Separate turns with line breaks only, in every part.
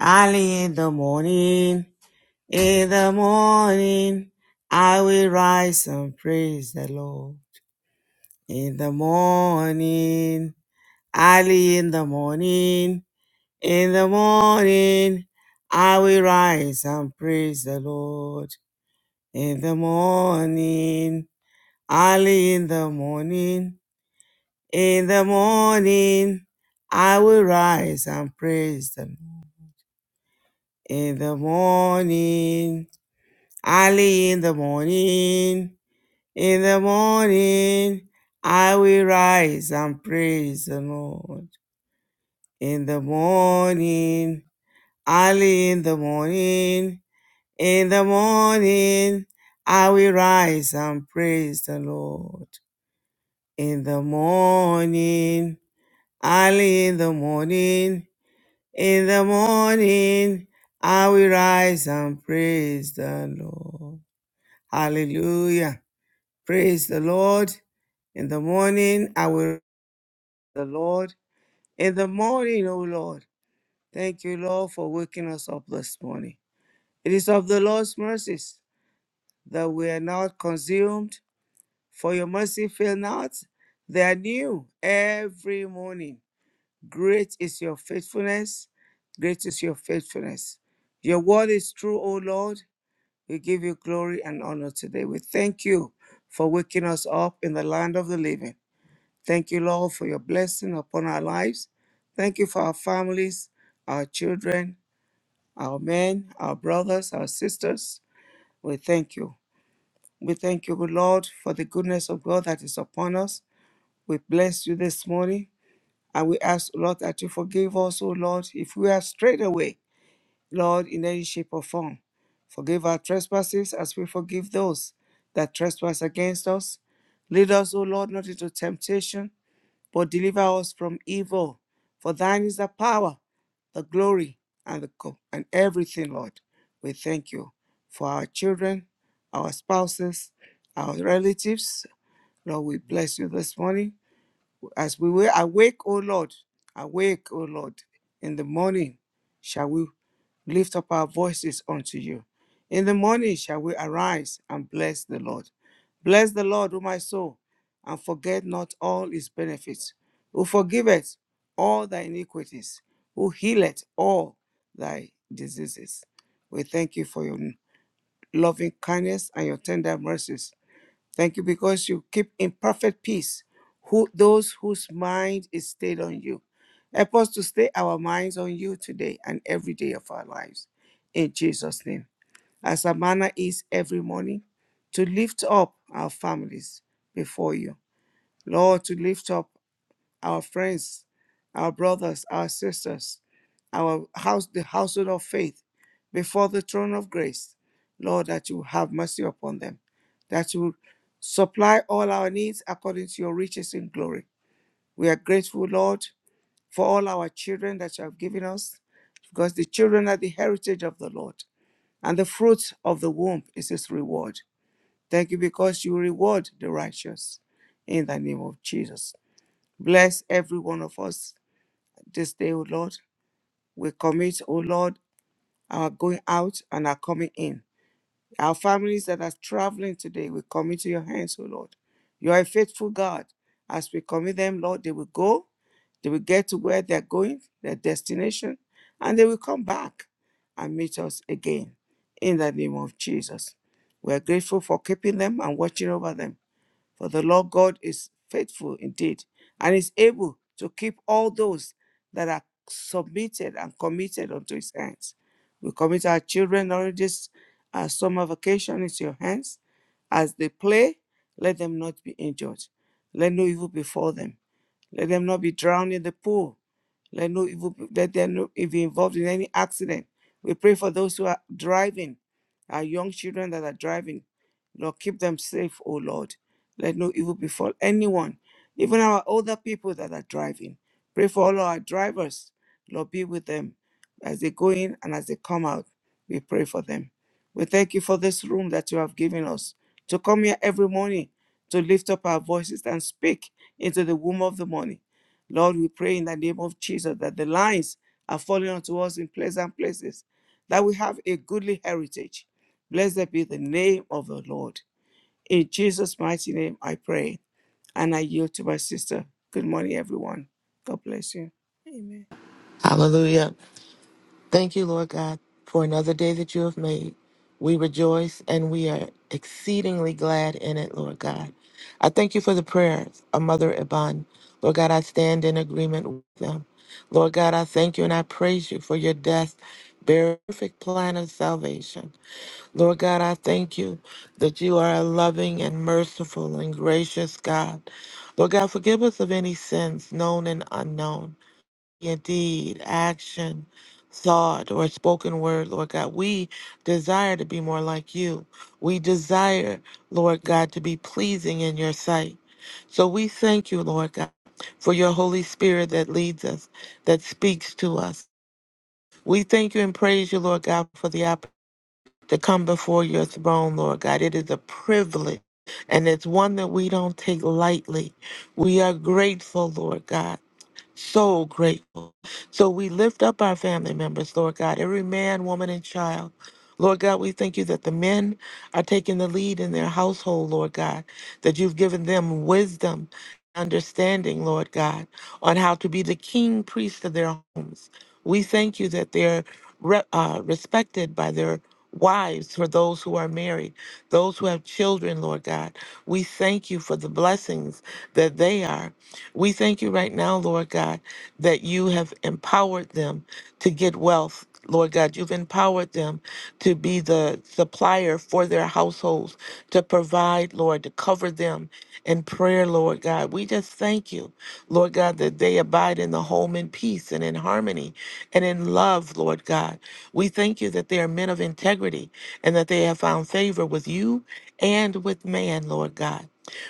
Early in the morning, in the morning, I will rise and praise the Lord. In the morning, early in the morning, in the morning, I will rise and praise the Lord. In the morning, early in the morning, in the morning, I will rise and praise the Lord. In the morning, Early in the morning, in the morning, I will rise and praise the Lord. In the morning, early in the morning, in the morning, I will rise and praise the Lord. In the morning, early in the morning, in the morning, I will rise and praise the Lord. Hallelujah. Praise the Lord. In the morning, I will the Lord. In the morning, O Lord, thank you, Lord, for waking us up this morning. It is of the Lord's mercies that we are not consumed, for your mercy fail not. They are new every morning. Great is your faithfulness. Great is your faithfulness. Your word is true, O Lord. We give you glory and honor today. We thank you for waking us up in the land of the living. Thank you, Lord, for your blessing upon our lives. Thank you for our families, our children, our men, our brothers, our sisters. We thank you. We thank you, good Lord, for the goodness of God that is upon us. We bless you this morning. And we ask, Lord, that you forgive us, O Lord, if we are strayed away, Lord, in any shape or form. Forgive our trespasses as we forgive those that trespass against us. Lead us, O Lord, not into temptation, but deliver us from evil. For thine is the power, the glory, and the co- and everything, Lord. We thank you for our children, our spouses, our relatives. Lord, we bless you this morning. As we were awake, O Lord, awake, O Lord, in the morning shall we lift up our voices unto you. In the morning shall we arise and bless the Lord. Bless the Lord, O my soul, and forget not all his benefits, who forgiveth all thy iniquities, who healeth all thy diseases. We thank you for your loving kindness and your tender mercies Thank you because you keep in perfect peace who those whose mind is stayed on you. Help us to stay our minds on you today and every day of our lives. In Jesus' name. As our manner is every morning, to lift up our families before you. Lord, to lift up our friends, our brothers, our sisters, our house, the household of faith, before the throne of grace, Lord, that you have mercy upon them, that you supply all our needs according to your riches in glory. We are grateful, Lord, for all our children that you have given us, because the children are the heritage of the Lord, and the fruit of the womb is his reward. Thank you because you reward the righteous in the name of Jesus. Bless every one of us this day, O Lord. We commit, O Lord, our going out and our coming in. Our families that are traveling today, we commit to your hands, O Lord. You are a faithful God. As we commit them, Lord, they will go, they will get to where they're going, their destination, and they will come back and meet us again. In the name of Jesus. We are grateful for keeping them and watching over them. For the Lord God is faithful indeed and is able to keep all those that are submitted and committed unto his hands. We commit our children during this uh, summer vacation into your hands. As they play, let them not be injured. Let no evil befall them. Let them not be drowned in the pool. Let no evil let them not be involved in any accident. We pray for those who are driving, our young children that are driving. Lord, keep them safe, O Lord. Let no evil befall anyone, even our older people that are driving. Pray for all our drivers. Lord, be with them as they go in and as they come out. We pray for them. We thank you for this room that you have given us to come here every morning to lift up our voices and speak into the womb of the morning. Lord, we pray in the name of Jesus that the lines are falling onto us in pleasant places, that we have a goodly heritage. Blessed be the name of the Lord. In Jesus' mighty name, I pray and I yield to my sister. Good morning, everyone. God bless you. Amen.
Hallelujah. Thank you, Lord God, for another day that you have made. We rejoice and we are exceedingly glad in it, Lord God. I thank you for the prayers of Mother Iban. Lord God, I stand in agreement with them. Lord God, I thank you and I praise you for your death, burial, perfect plan of salvation. Lord God, I thank you that you are a loving and merciful and gracious God. Lord God, forgive us of any sins known and unknown. Indeed, action, thought, or spoken word, Lord God. We desire to be more like you. We desire, Lord God, to be pleasing in your sight. So we thank you, Lord God, for your Holy Spirit that leads us, that speaks to us. We thank you and praise you, Lord God, for the opportunity to come before your throne, Lord God. It is a privilege. And it's one that we don't take lightly. We are grateful, Lord God. So grateful. So we lift up our family members, Lord God, every man, woman, and child. Lord God, we thank you that the men are taking the lead in their household, Lord God, that you've given them wisdom, understanding, Lord God, on how to be the king priest of their homes. We thank you that they're re- uh, respected by their wives, for those who are married, those who have children, Lord God. We thank you for the blessings that they are. We thank you right now, Lord God, that you have empowered them to get wealth. Lord God, you've empowered them to be the uh, supplier for their households to provide, Lord, to cover them in prayer, Lord God. We just thank you, Lord God, that they abide in the home in peace and in harmony and in love, Lord God. We thank you that they are men of integrity and that they have found favor with you and with man, Lord God.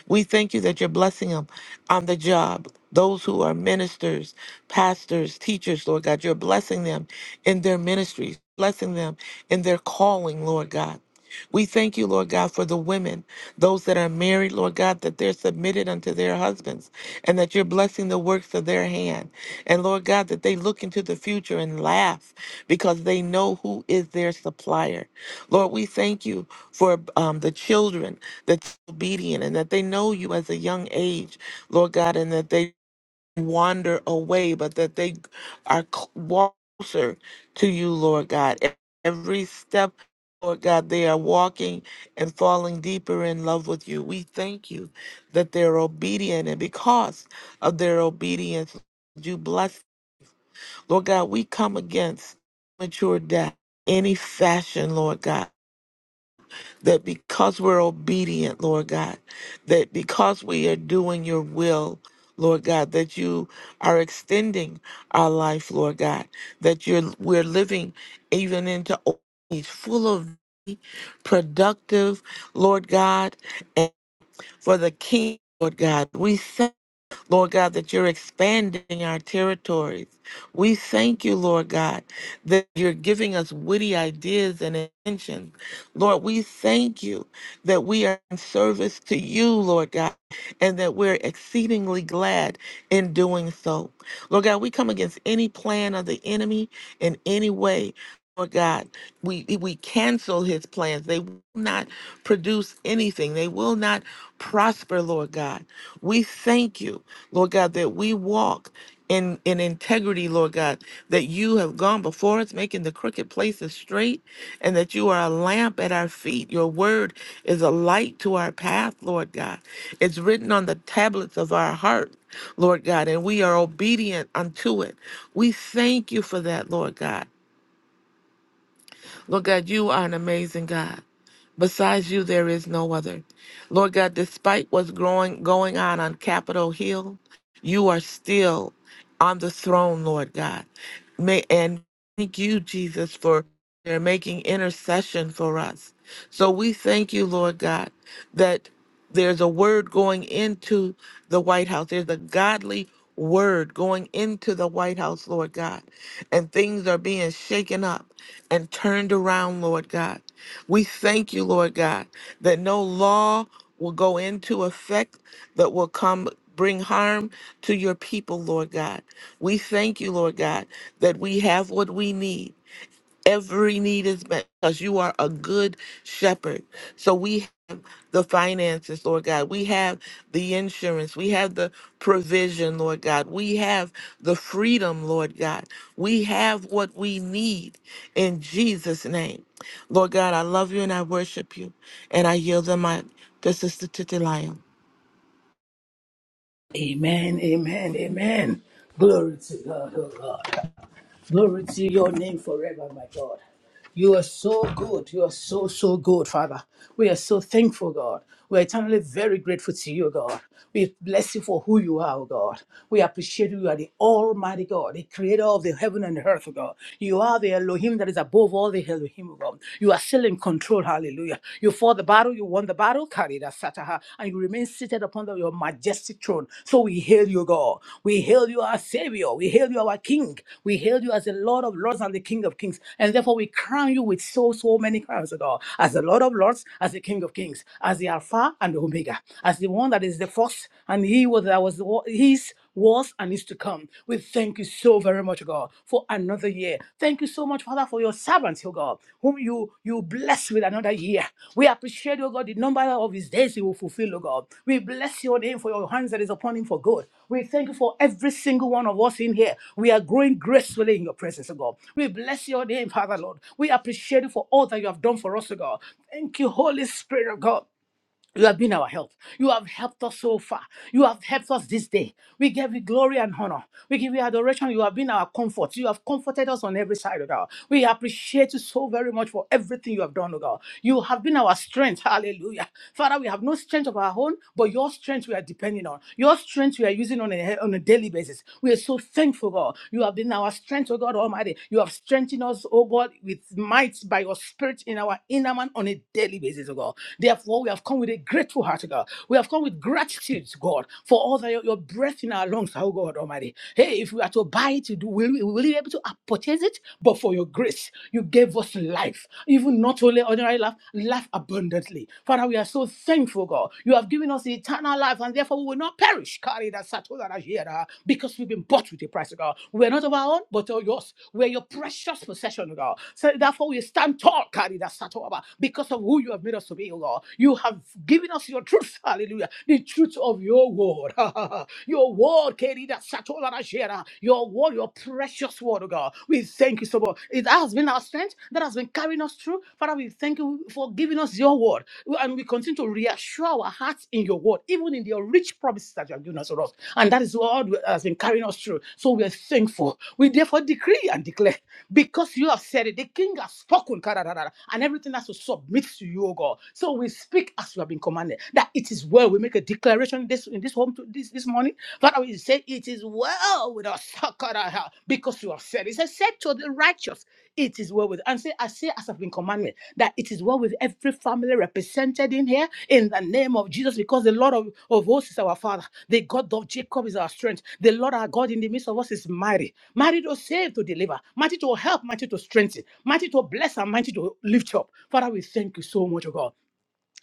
We thank you that you're blessing them on the job. Those who are ministers, pastors, teachers, Lord God, you're blessing them in their ministries, blessing them in their calling, Lord God. We thank you, Lord God, for the women, those that are married, Lord God, that they're submitted unto their husbands and that you're blessing the works of their hand. And Lord God, that they look into the future and laugh because they know who is their supplier. Lord, we thank you for um, the children that's obedient and that they know you as a young age, Lord God, and that they wander away, but that they are closer to you, Lord God. Every step, Lord God, they are walking and falling deeper in love with you. We thank you that they're obedient, and because of their obedience, you bless. Lord God, we come against mature death, any fashion, Lord God that because we're obedient, Lord God, that because we are doing your will, Lord God, that you are extending our life, Lord God, that you're we're living even into old age full of productive, Lord God, and for the King, Lord God. We thank, Lord God, that you're expanding our territories. We thank you, Lord God, that you're giving us witty ideas and inventions. Lord, we thank you that we are in service to you, Lord God, and that we're exceedingly glad in doing so. Lord God, we come against any plan of the enemy in any way. Lord God, we we cancel his plans. They will not produce anything. They will not prosper, Lord God. We thank you, Lord God, that we walk in in integrity, Lord God, that you have gone before us, making the crooked places straight, and that you are a lamp at our feet. Your word is a light to our path, Lord God. It's written on the tablets of our heart, Lord God, and we are obedient unto it. We thank you for that, Lord God. Lord God, you are an amazing God. Besides you, there is no other. Lord God, despite what's growing, going on on Capitol Hill, you are still on the throne, Lord God. May, and Thank you, Jesus, for they're making intercession for us. So we thank you, Lord God, that there's a word going into the White House. There's a godly word going into the White House, Lord God. And things are being shaken up and turned around, Lord God. We thank you, Lord God, that no law will go into effect that will come bring harm to your people, Lord God. We thank you, Lord God, that we have what we need. Every need is met because you are a good shepherd. So we have the finances, Lord God. We have the insurance. We have the provision, Lord God. We have the freedom, Lord God. We have what we need in Jesus' name. Lord God, I love you and I worship you. And I yield the mic to Sister Titilia.
Amen, amen, amen. Glory to God, oh God. Glory to your name forever, my God. You are so good. You are so, so good, Father. We are so thankful, God. We are eternally very grateful to you, God. We bless you for who you are, oh God. We appreciate you. You are the Almighty God, the creator of the heaven and the earth, oh God. You are the Elohim that is above all the Elohim, oh God. You are still in control, hallelujah. You fought the battle, you won the battle, sataha, and you remain seated upon the- your majestic throne. So we hail you, God. We hail you, our Savior. We hail you, our King. We hail you as the Lord of Lords and the King of Kings. And therefore, we crown you with so, so many crowns, O God, as the Lord of Lords, as the King of Kings, as the Alpha and the Omega, as the one that is the first, and He was that was the, wo- His was and is to come. We thank you so very much, God. God, for another year. Thank you so much, Father, for your servants, oh God, whom you you bless with another year. We appreciate, oh God, the number of his days he will fulfill, oh God. We bless your name for your hands that is upon him for good. We thank you for every single one of us in here. We are growing gracefully in your presence, oh God. We bless your name, Father, Lord. We appreciate you for all that you have done for us, oh God. Thank you, Holy Spirit of God. You have been our help. You have helped us so far. You have helped us this day. We give you glory and honor. We give you adoration. You have been our comfort. You have comforted us on every side, O God. We appreciate you so very much for everything you have done, O God. You have been our strength. Hallelujah. Father, we have no strength of our own, but your strength we are depending on. Your strength we are using on a, on a daily basis. We are so thankful, God. You have been our strength, O God Almighty. You have strengthened us, O God, with might by your spirit in our inner man on a daily basis, O God. Therefore, we have have come with a grateful heart, God. We have come with gratitude, God, for all that your, your breath in our lungs, oh God Almighty. Hey, if we are to buy it, do will we will we be able to purchase it? But for your grace, you gave us life, even not only ordinary life, life abundantly. Father, we are so thankful, God. You have given us eternal life, and therefore we will not perish. Carry that Satola Rajera, because we've been bought with a price, God. We are not of our own, but of yours. We are your precious possession, God. So therefore we stand tall, carry that Satola, because of who you have made us to be, oh God. You have given us your truth, hallelujah, the truth of your word. your word, Kerida Satola Rashera, your word, your precious word, oh God. We thank you so much. It has been our strength that has been carrying us through. Father, we thank you for giving us your word. And we continue to reassure our hearts in your word, even in your rich promises that you have given us, oh Lord. And that is what has been carrying us through. So we are thankful. We therefore decree and declare because you have said it, the king has spoken, kararara, and everything has to submit to you, O God. So so we speak as we have been commanded. That it is well. We make a declaration this in this home to this this morning. Father, we say it is well with us because you have said. He said, said to the righteous, it is well with. And say, I say as I've been commanded that it is well with every family represented in here in the name of Jesus, because the Lord of, of hosts is our Father. The God of Jacob is our strength. The Lord our God in the midst of us is mighty. Mighty to save, to deliver. Mighty to help, mighty to strengthen. Mighty to bless, and mighty to lift up. Father, we thank you so much, O God.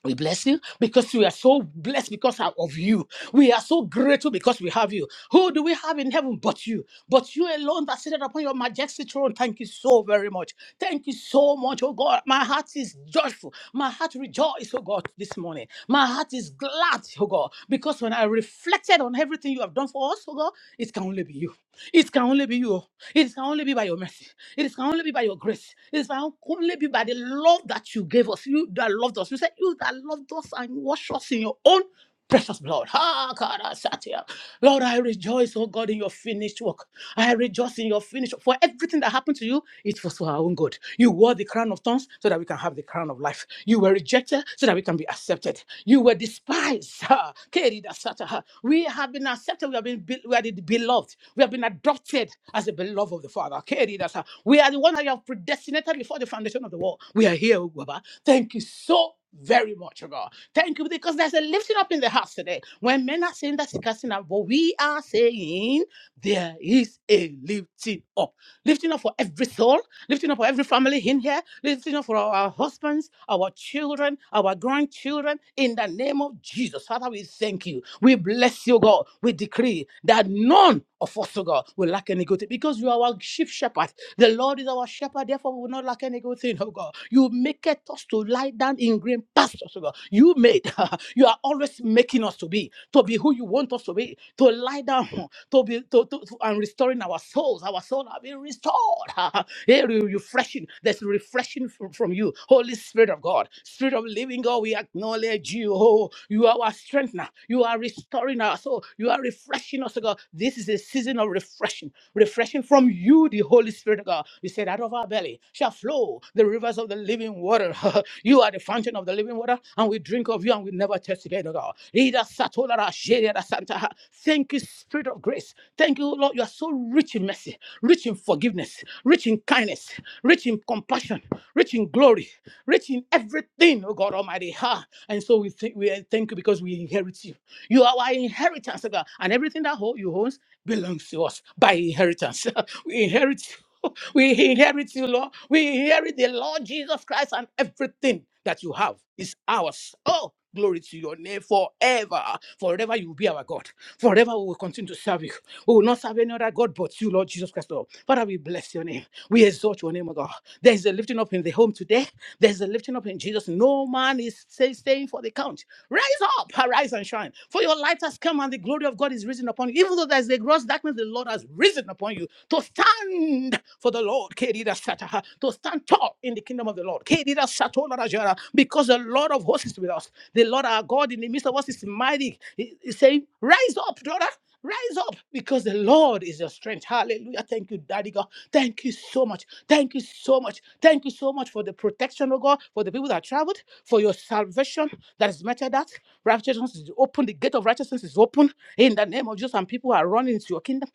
We bless you because we are so blessed because of you. We are so grateful because we have you. Who do we have in heaven but you? But you alone that seated upon your majestic throne. Thank you so very much. Thank you so much, oh God. My heart is joyful. My heart rejoices, oh God, this morning. My heart is glad, oh God, because when I reflected on everything you have done for us, oh God, it can only be you. It can only be you. oh. It can only be by your mercy. It can only be by your grace. It can only be by the love that you gave us. You that loved us. You said you that loved us and washed us in your own precious blood. Ah, God, I sat here. Lord, I rejoice, oh God, in your finished work. I rejoice in your finished work. For everything that happened to you, it was for our own good. You wore the crown of thorns so that we can have the crown of life. You were you were rejected so that we can be accepted. You were despised. Ha. Keri da sata ha. We have been accepted. We have been be- we are the beloved. We have been adopted as the beloved of the Father. Keri da sa. We are the one that you have predestinated before the foundation of the world. We are here, O Baba. Thank you so very much, O God. Thank you because there's a lifting up in the house today. When men are saying that's a casting out, but we are saying there is a lifting up. Lifting up for every soul, lifting up for every family in here, lifting up for our our husbands, our children, our grandchildren, in the name of Jesus. Father, we thank you. We bless you, God. We decree that none of us, oh God, will lack any good thing because you are our chief shepherd. The Lord is our shepherd, therefore we will not lack any good thing, oh God. You make us to lie down in green pastures, oh God. You made, you are always making us to be, to be who you want us to be, to lie down to be to, to, to- and restoring our souls. Our souls are being restored. Hey, re- refreshing. There's refreshing from, from you, Holy Spirit of God, Spirit of Living God. We acknowledge you. Oh, you are our strengthener. You are restoring our soul. You are refreshing us, oh God. This is a season of refreshing, refreshing from you, the Holy Spirit of God. You said, out of our belly shall flow. the." the rivers of the living water. you are the fountain of the living water, and we drink of you and we never thirst again, oh God. Ida satolara sheriada santa. Thank you, Spirit of grace. Thank you, Lord. You are so rich in mercy, rich in forgiveness, rich in kindness, rich in compassion, rich in glory, rich in everything, oh God Almighty. Ha. And so we, think we thank you because we inherit you. You are our inheritance, oh God, and everything that ho- you owns belongs to us by inheritance. we inherit you. We inherit you, Lord. We inherit the Lord Jesus Christ and everything that you have is ours. Oh, glory to your name forever. Forever you will be our God. Forever we will continue to serve you. We will not serve any other God but you, Lord Jesus Christ, Lord. Father, we bless your name. We exalt your name, O God. There is a lifting up in the home today. There's a lifting up in Jesus. No man is say, staying for the count. Rise up, arise and shine. For your light has come and the glory of God is risen upon you. Even though there's the gross darkness, the Lord has risen upon you to stand for the Lord. Kerida Sataha, To stand tall in the kingdom of the Lord. Kerida Satola Rajara, Because the Lord of hosts is with us. The Lord our God in the midst of us is mighty. He- He's saying, Rise up, daughter. Rise up because the Lord is your strength. Hallelujah. Thank you, Daddy God. Thank you so much. Thank you so much. Thank you so much for the protection, oh God, for the people that traveled, for your salvation that is meted out. Righteousness is open. The gate of righteousness is open in the name of Jesus, and people are running into your kingdom.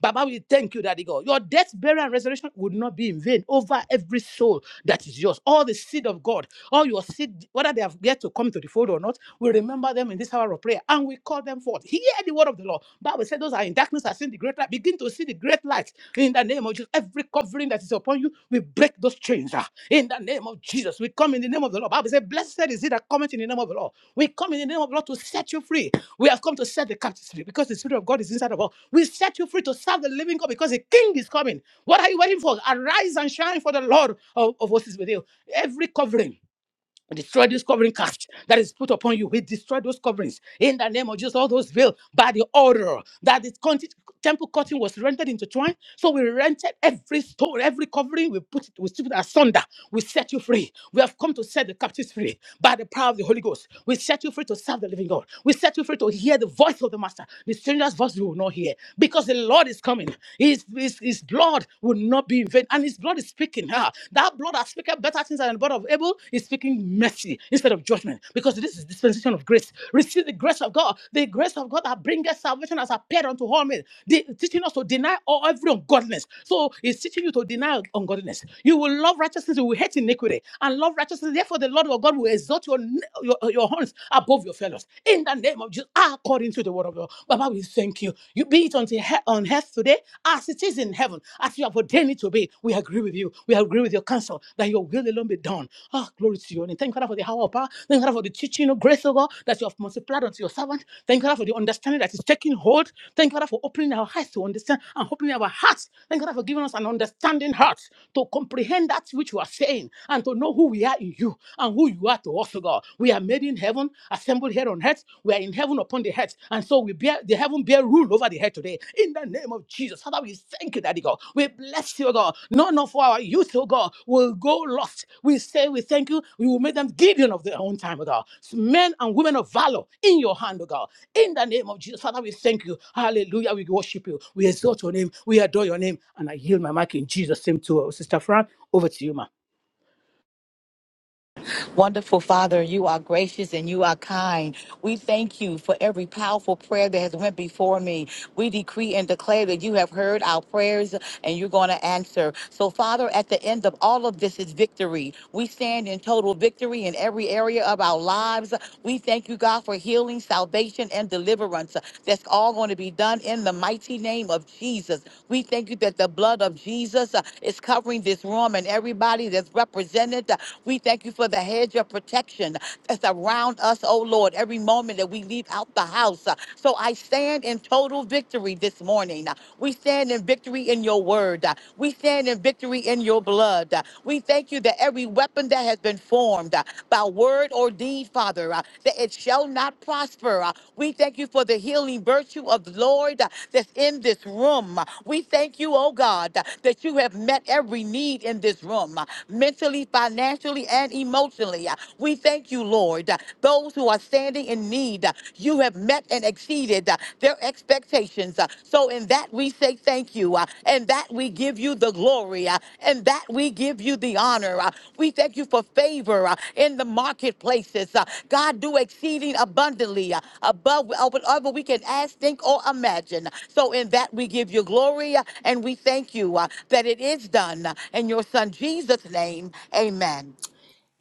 Baba, we thank you, Daddy God. Your death, burial, and resurrection would not not be in vain over every soul that is yours. All the seed of God, all your seed, whether they have yet to come to the fold or not, we remember them in this hour of prayer and we call them forth. Hear the word of the Lord. Bible said those are in darkness are seen the great light. Begin to see the great light in the name of Jesus. Every covering that is upon you, we break those chains ah, in the name of Jesus. We come in the name of the Lord. Bible said, Blessed is he that cometh in the name of the Lord. We come in the name of the Lord to set you free. We have come to set the captives free because the Spirit of God is inside of us. We set you free to serve the living God because the King is coming. What are you waiting for? Arise and shine for the Lord of, of hosts is with you. Every covering. Destroy this covering cast that is put upon you. We destroy those coverings in the name of Jesus. All those veil by the order that the conti- temple curtain was rendered into twine. So we rented every stone, every covering. We put it, we strip it asunder. We set you free. We have come to set the captives free by the power of the Holy Ghost. We set you free to serve the living God. We set you free to hear the voice of the Master. The stranger's voice you will not hear because the Lord is coming. He his, his, his blood will not be in vain. And his blood is speaking. Ah, that blood that speaketh better things than the blood of Abel is speaking mercy instead of judgment. Because this is dispensation of grace. Receive the grace of God. The grace of God that bringeth salvation has appeared unto all men. The, teaching us to deny all every ungodliness. So it's teaching you to deny ungodliness. You will love righteousness, you will hate iniquity. And love righteousness. Therefore, the Lord your God will exalt your, your, your horns stands above your fellows. In the name of Jesus, according to the word of God. Baba, we thank you. You be it unto he- on earth today as it is in heaven, as you have ordained it to be. We agree with you. We agree with your counsel that your will alone be done. Ah, glory to you. And thank you, Father, for the hour of power. Thank you, Father, for the teaching of grace, O God, that you have multiplied unto your servant. Thank you, Father, for the understanding that is taking hold. Thank you, Father, for opening our eyes to understand and opening our hearts. Thank you, Father, for giving us an understanding understanding hearts to comprehend that which you are saying and to know who we are in you and who you are to us, O God. We are made in heaven, assembled here on earth. We are in heaven upon the earth. And so we bear the heaven bear rule over the earth today. In the name of Jesus. Father, we thank you, Daddy God. We bless you, O God. None of our youth, O God, will go lost. We say we thank you. We will make them Gideon of their own time, O God. Men and women of valor in your hand, O God. In the name of Jesus, Father, we thank you. Hallelujah. We worship you. We exalt your name. We adore your name. And I yield my mic in Jesus' name to uh, Sister Fran. Over to you, ma.
Wonderful Father, you are gracious and you are kind. We thank you for every powerful prayer that has went before me. We decree and declare that you have heard our prayers and you're going to answer. So, Father, at the end of all of this is victory. We stand in total victory in every area of our lives. We thank you, God, for healing, salvation, and deliverance. That's all going to be done in the mighty name of Jesus. We thank you that the blood of Jesus uh, is covering this room and everybody that's represented. We thank you for the hedge of protection that's around us, oh Lord, every moment that we leave out the house. So I stand in in total victory this morning. We stand in victory in your word. We stand in victory in your blood. We thank you that every weapon that has been formed uh, by word or deed, Father, uh, that it shall not prosper. Uh, We thank you for the healing virtue of the Lord uh, that's in this room. Uh, We thank you, oh God, uh, that you have met every need in this room, uh, mentally, financially, and emotionally. Uh, We thank you, Lord, uh, those who are standing in need. uh, You have met and exceeded uh, their expectations. Uh, So, in that we say thank you, uh, and that we give you the glory, uh, and that we give you the honor. Uh, We thank you for favor uh, in the marketplaces. Uh, God, do exceeding abundantly uh, above uh, whatever we can ask, think, or imagine. So, in that we give you glory, uh, and we thank you uh, that it is done. uh, In your Son Jesus' name, amen.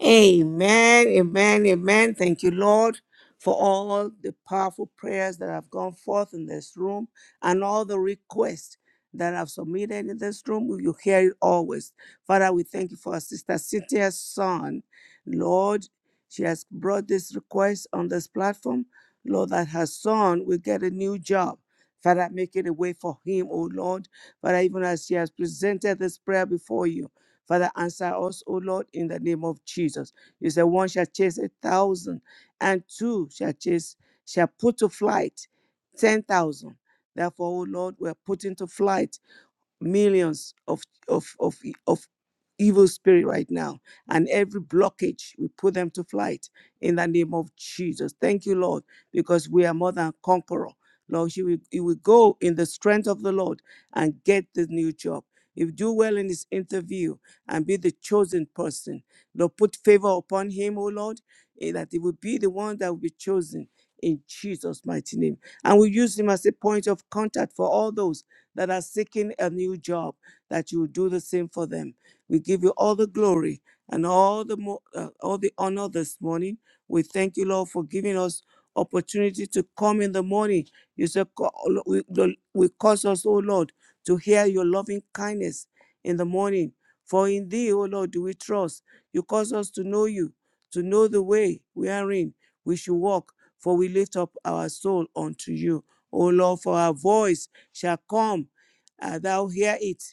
Amen, amen, amen. Thank you, Lord, for all the powerful prayers that have gone forth in this room and all the requests that have submitted in this room. We will hear it always. Father, we thank you for our sister Cynthia's son. Lord, she has brought this request on this platform. Lord, that her son will get a new job. Father, make it a way for him, oh Lord. Father, even as she has presented this prayer before you. Father, answer us, O Lord, in the name of Jesus. You said one shall chase a thousand, and two shall chase, shall put to flight ten thousand. Therefore, O Lord, we're putting to flight millions of of of e- of evil spirit right now and every blockage we put them to flight in the name of jesus thank you lord because we are more than conqueror lord you will, you will go in the strength of the lord and get the new job if you do well in this interview and be the chosen person lord put favor upon him oh lord eh, that he will be the one that will be chosen in jesus mighty name and we use him as a point of contact for all those that are seeking a new job, that you will do the same for them. We give you all the glory and all the mo- uh, all the honor this morning. We thank you, Lord, for giving us opportunity to come in the morning. You said, "Co- we, the- we cause us, O Lord, to hear your loving kindness in the morning. For in thee, O Lord, do we trust. You cause us to know you, to know the way we are in. We should walk, for we lift up our soul unto you. O Lord, for our voice shall come, uh, thou hear it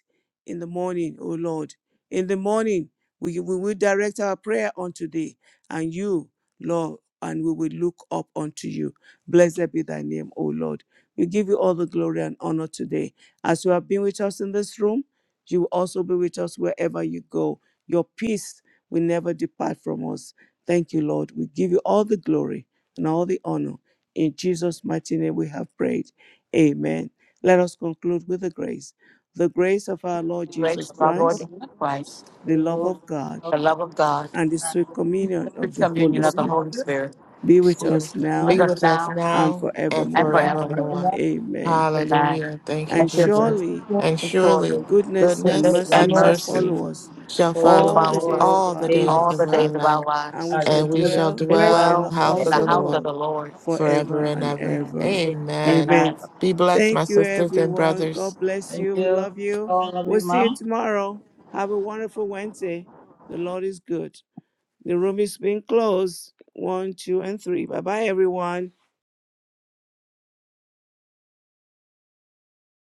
in the morning, O Lord. In the morning, we, we will direct our prayer unto thee and you, Lord, and we will look up unto you. Blessed be thy name, O Lord. We give you all the glory and honor today as you have been with us in this room. You will also be with us wherever you go. Your peace will never depart from us. Thank you, Lord. We give you all the glory and all the honor. In Jesus' mighty name we have prayed. Amen. Let us conclude with the grace. The grace of our Lord
Grace,
Jesus
of our Lord
Christ,
Jesus Christ,
the love of God,
the love of God
and the sweet communion
free
of the Holy
communion of the
Spirit
Holy Spirit
be with
Spirit
us
with
be
now
us
with us
now
and
now and
and
forevermore.
forever.
forevermore.
Amen.
Amen.
Hallelujah. Thank you,
That's
And
your good.
Jesus.
surely
And
And
surely
surely,
Goodness and
goodness
goodness
mercy
and
and
shall
mercy
mercy
follow us
shall
to
Follow
follow
all the
follow
us
us
days
all
of
all the
our
days of
days
all the
of
lives,
life
our
days of our
life,
and
lives.
we
as
shall
you
and we
feel
shall
dwell
To
present
in
dwell in
the
dwell
the house
in
house
of
the
forever.
the
of the
house
Lord
Lord.
of
Lord
the Lord.
forever
forever
and
and
ever.
Amen.
ever.
Amen.
Amen.
Amen.
Be blessed,
Thank
my
you,
sisters and
everyone.
brothers.
God bless
Thank
you. We
you,
love you. We'll see
Lord,
you tomorrow. Have a wonderful Wednesday. The Lord is good. The room is being closed. One, two, and three. Bye bye, everyone.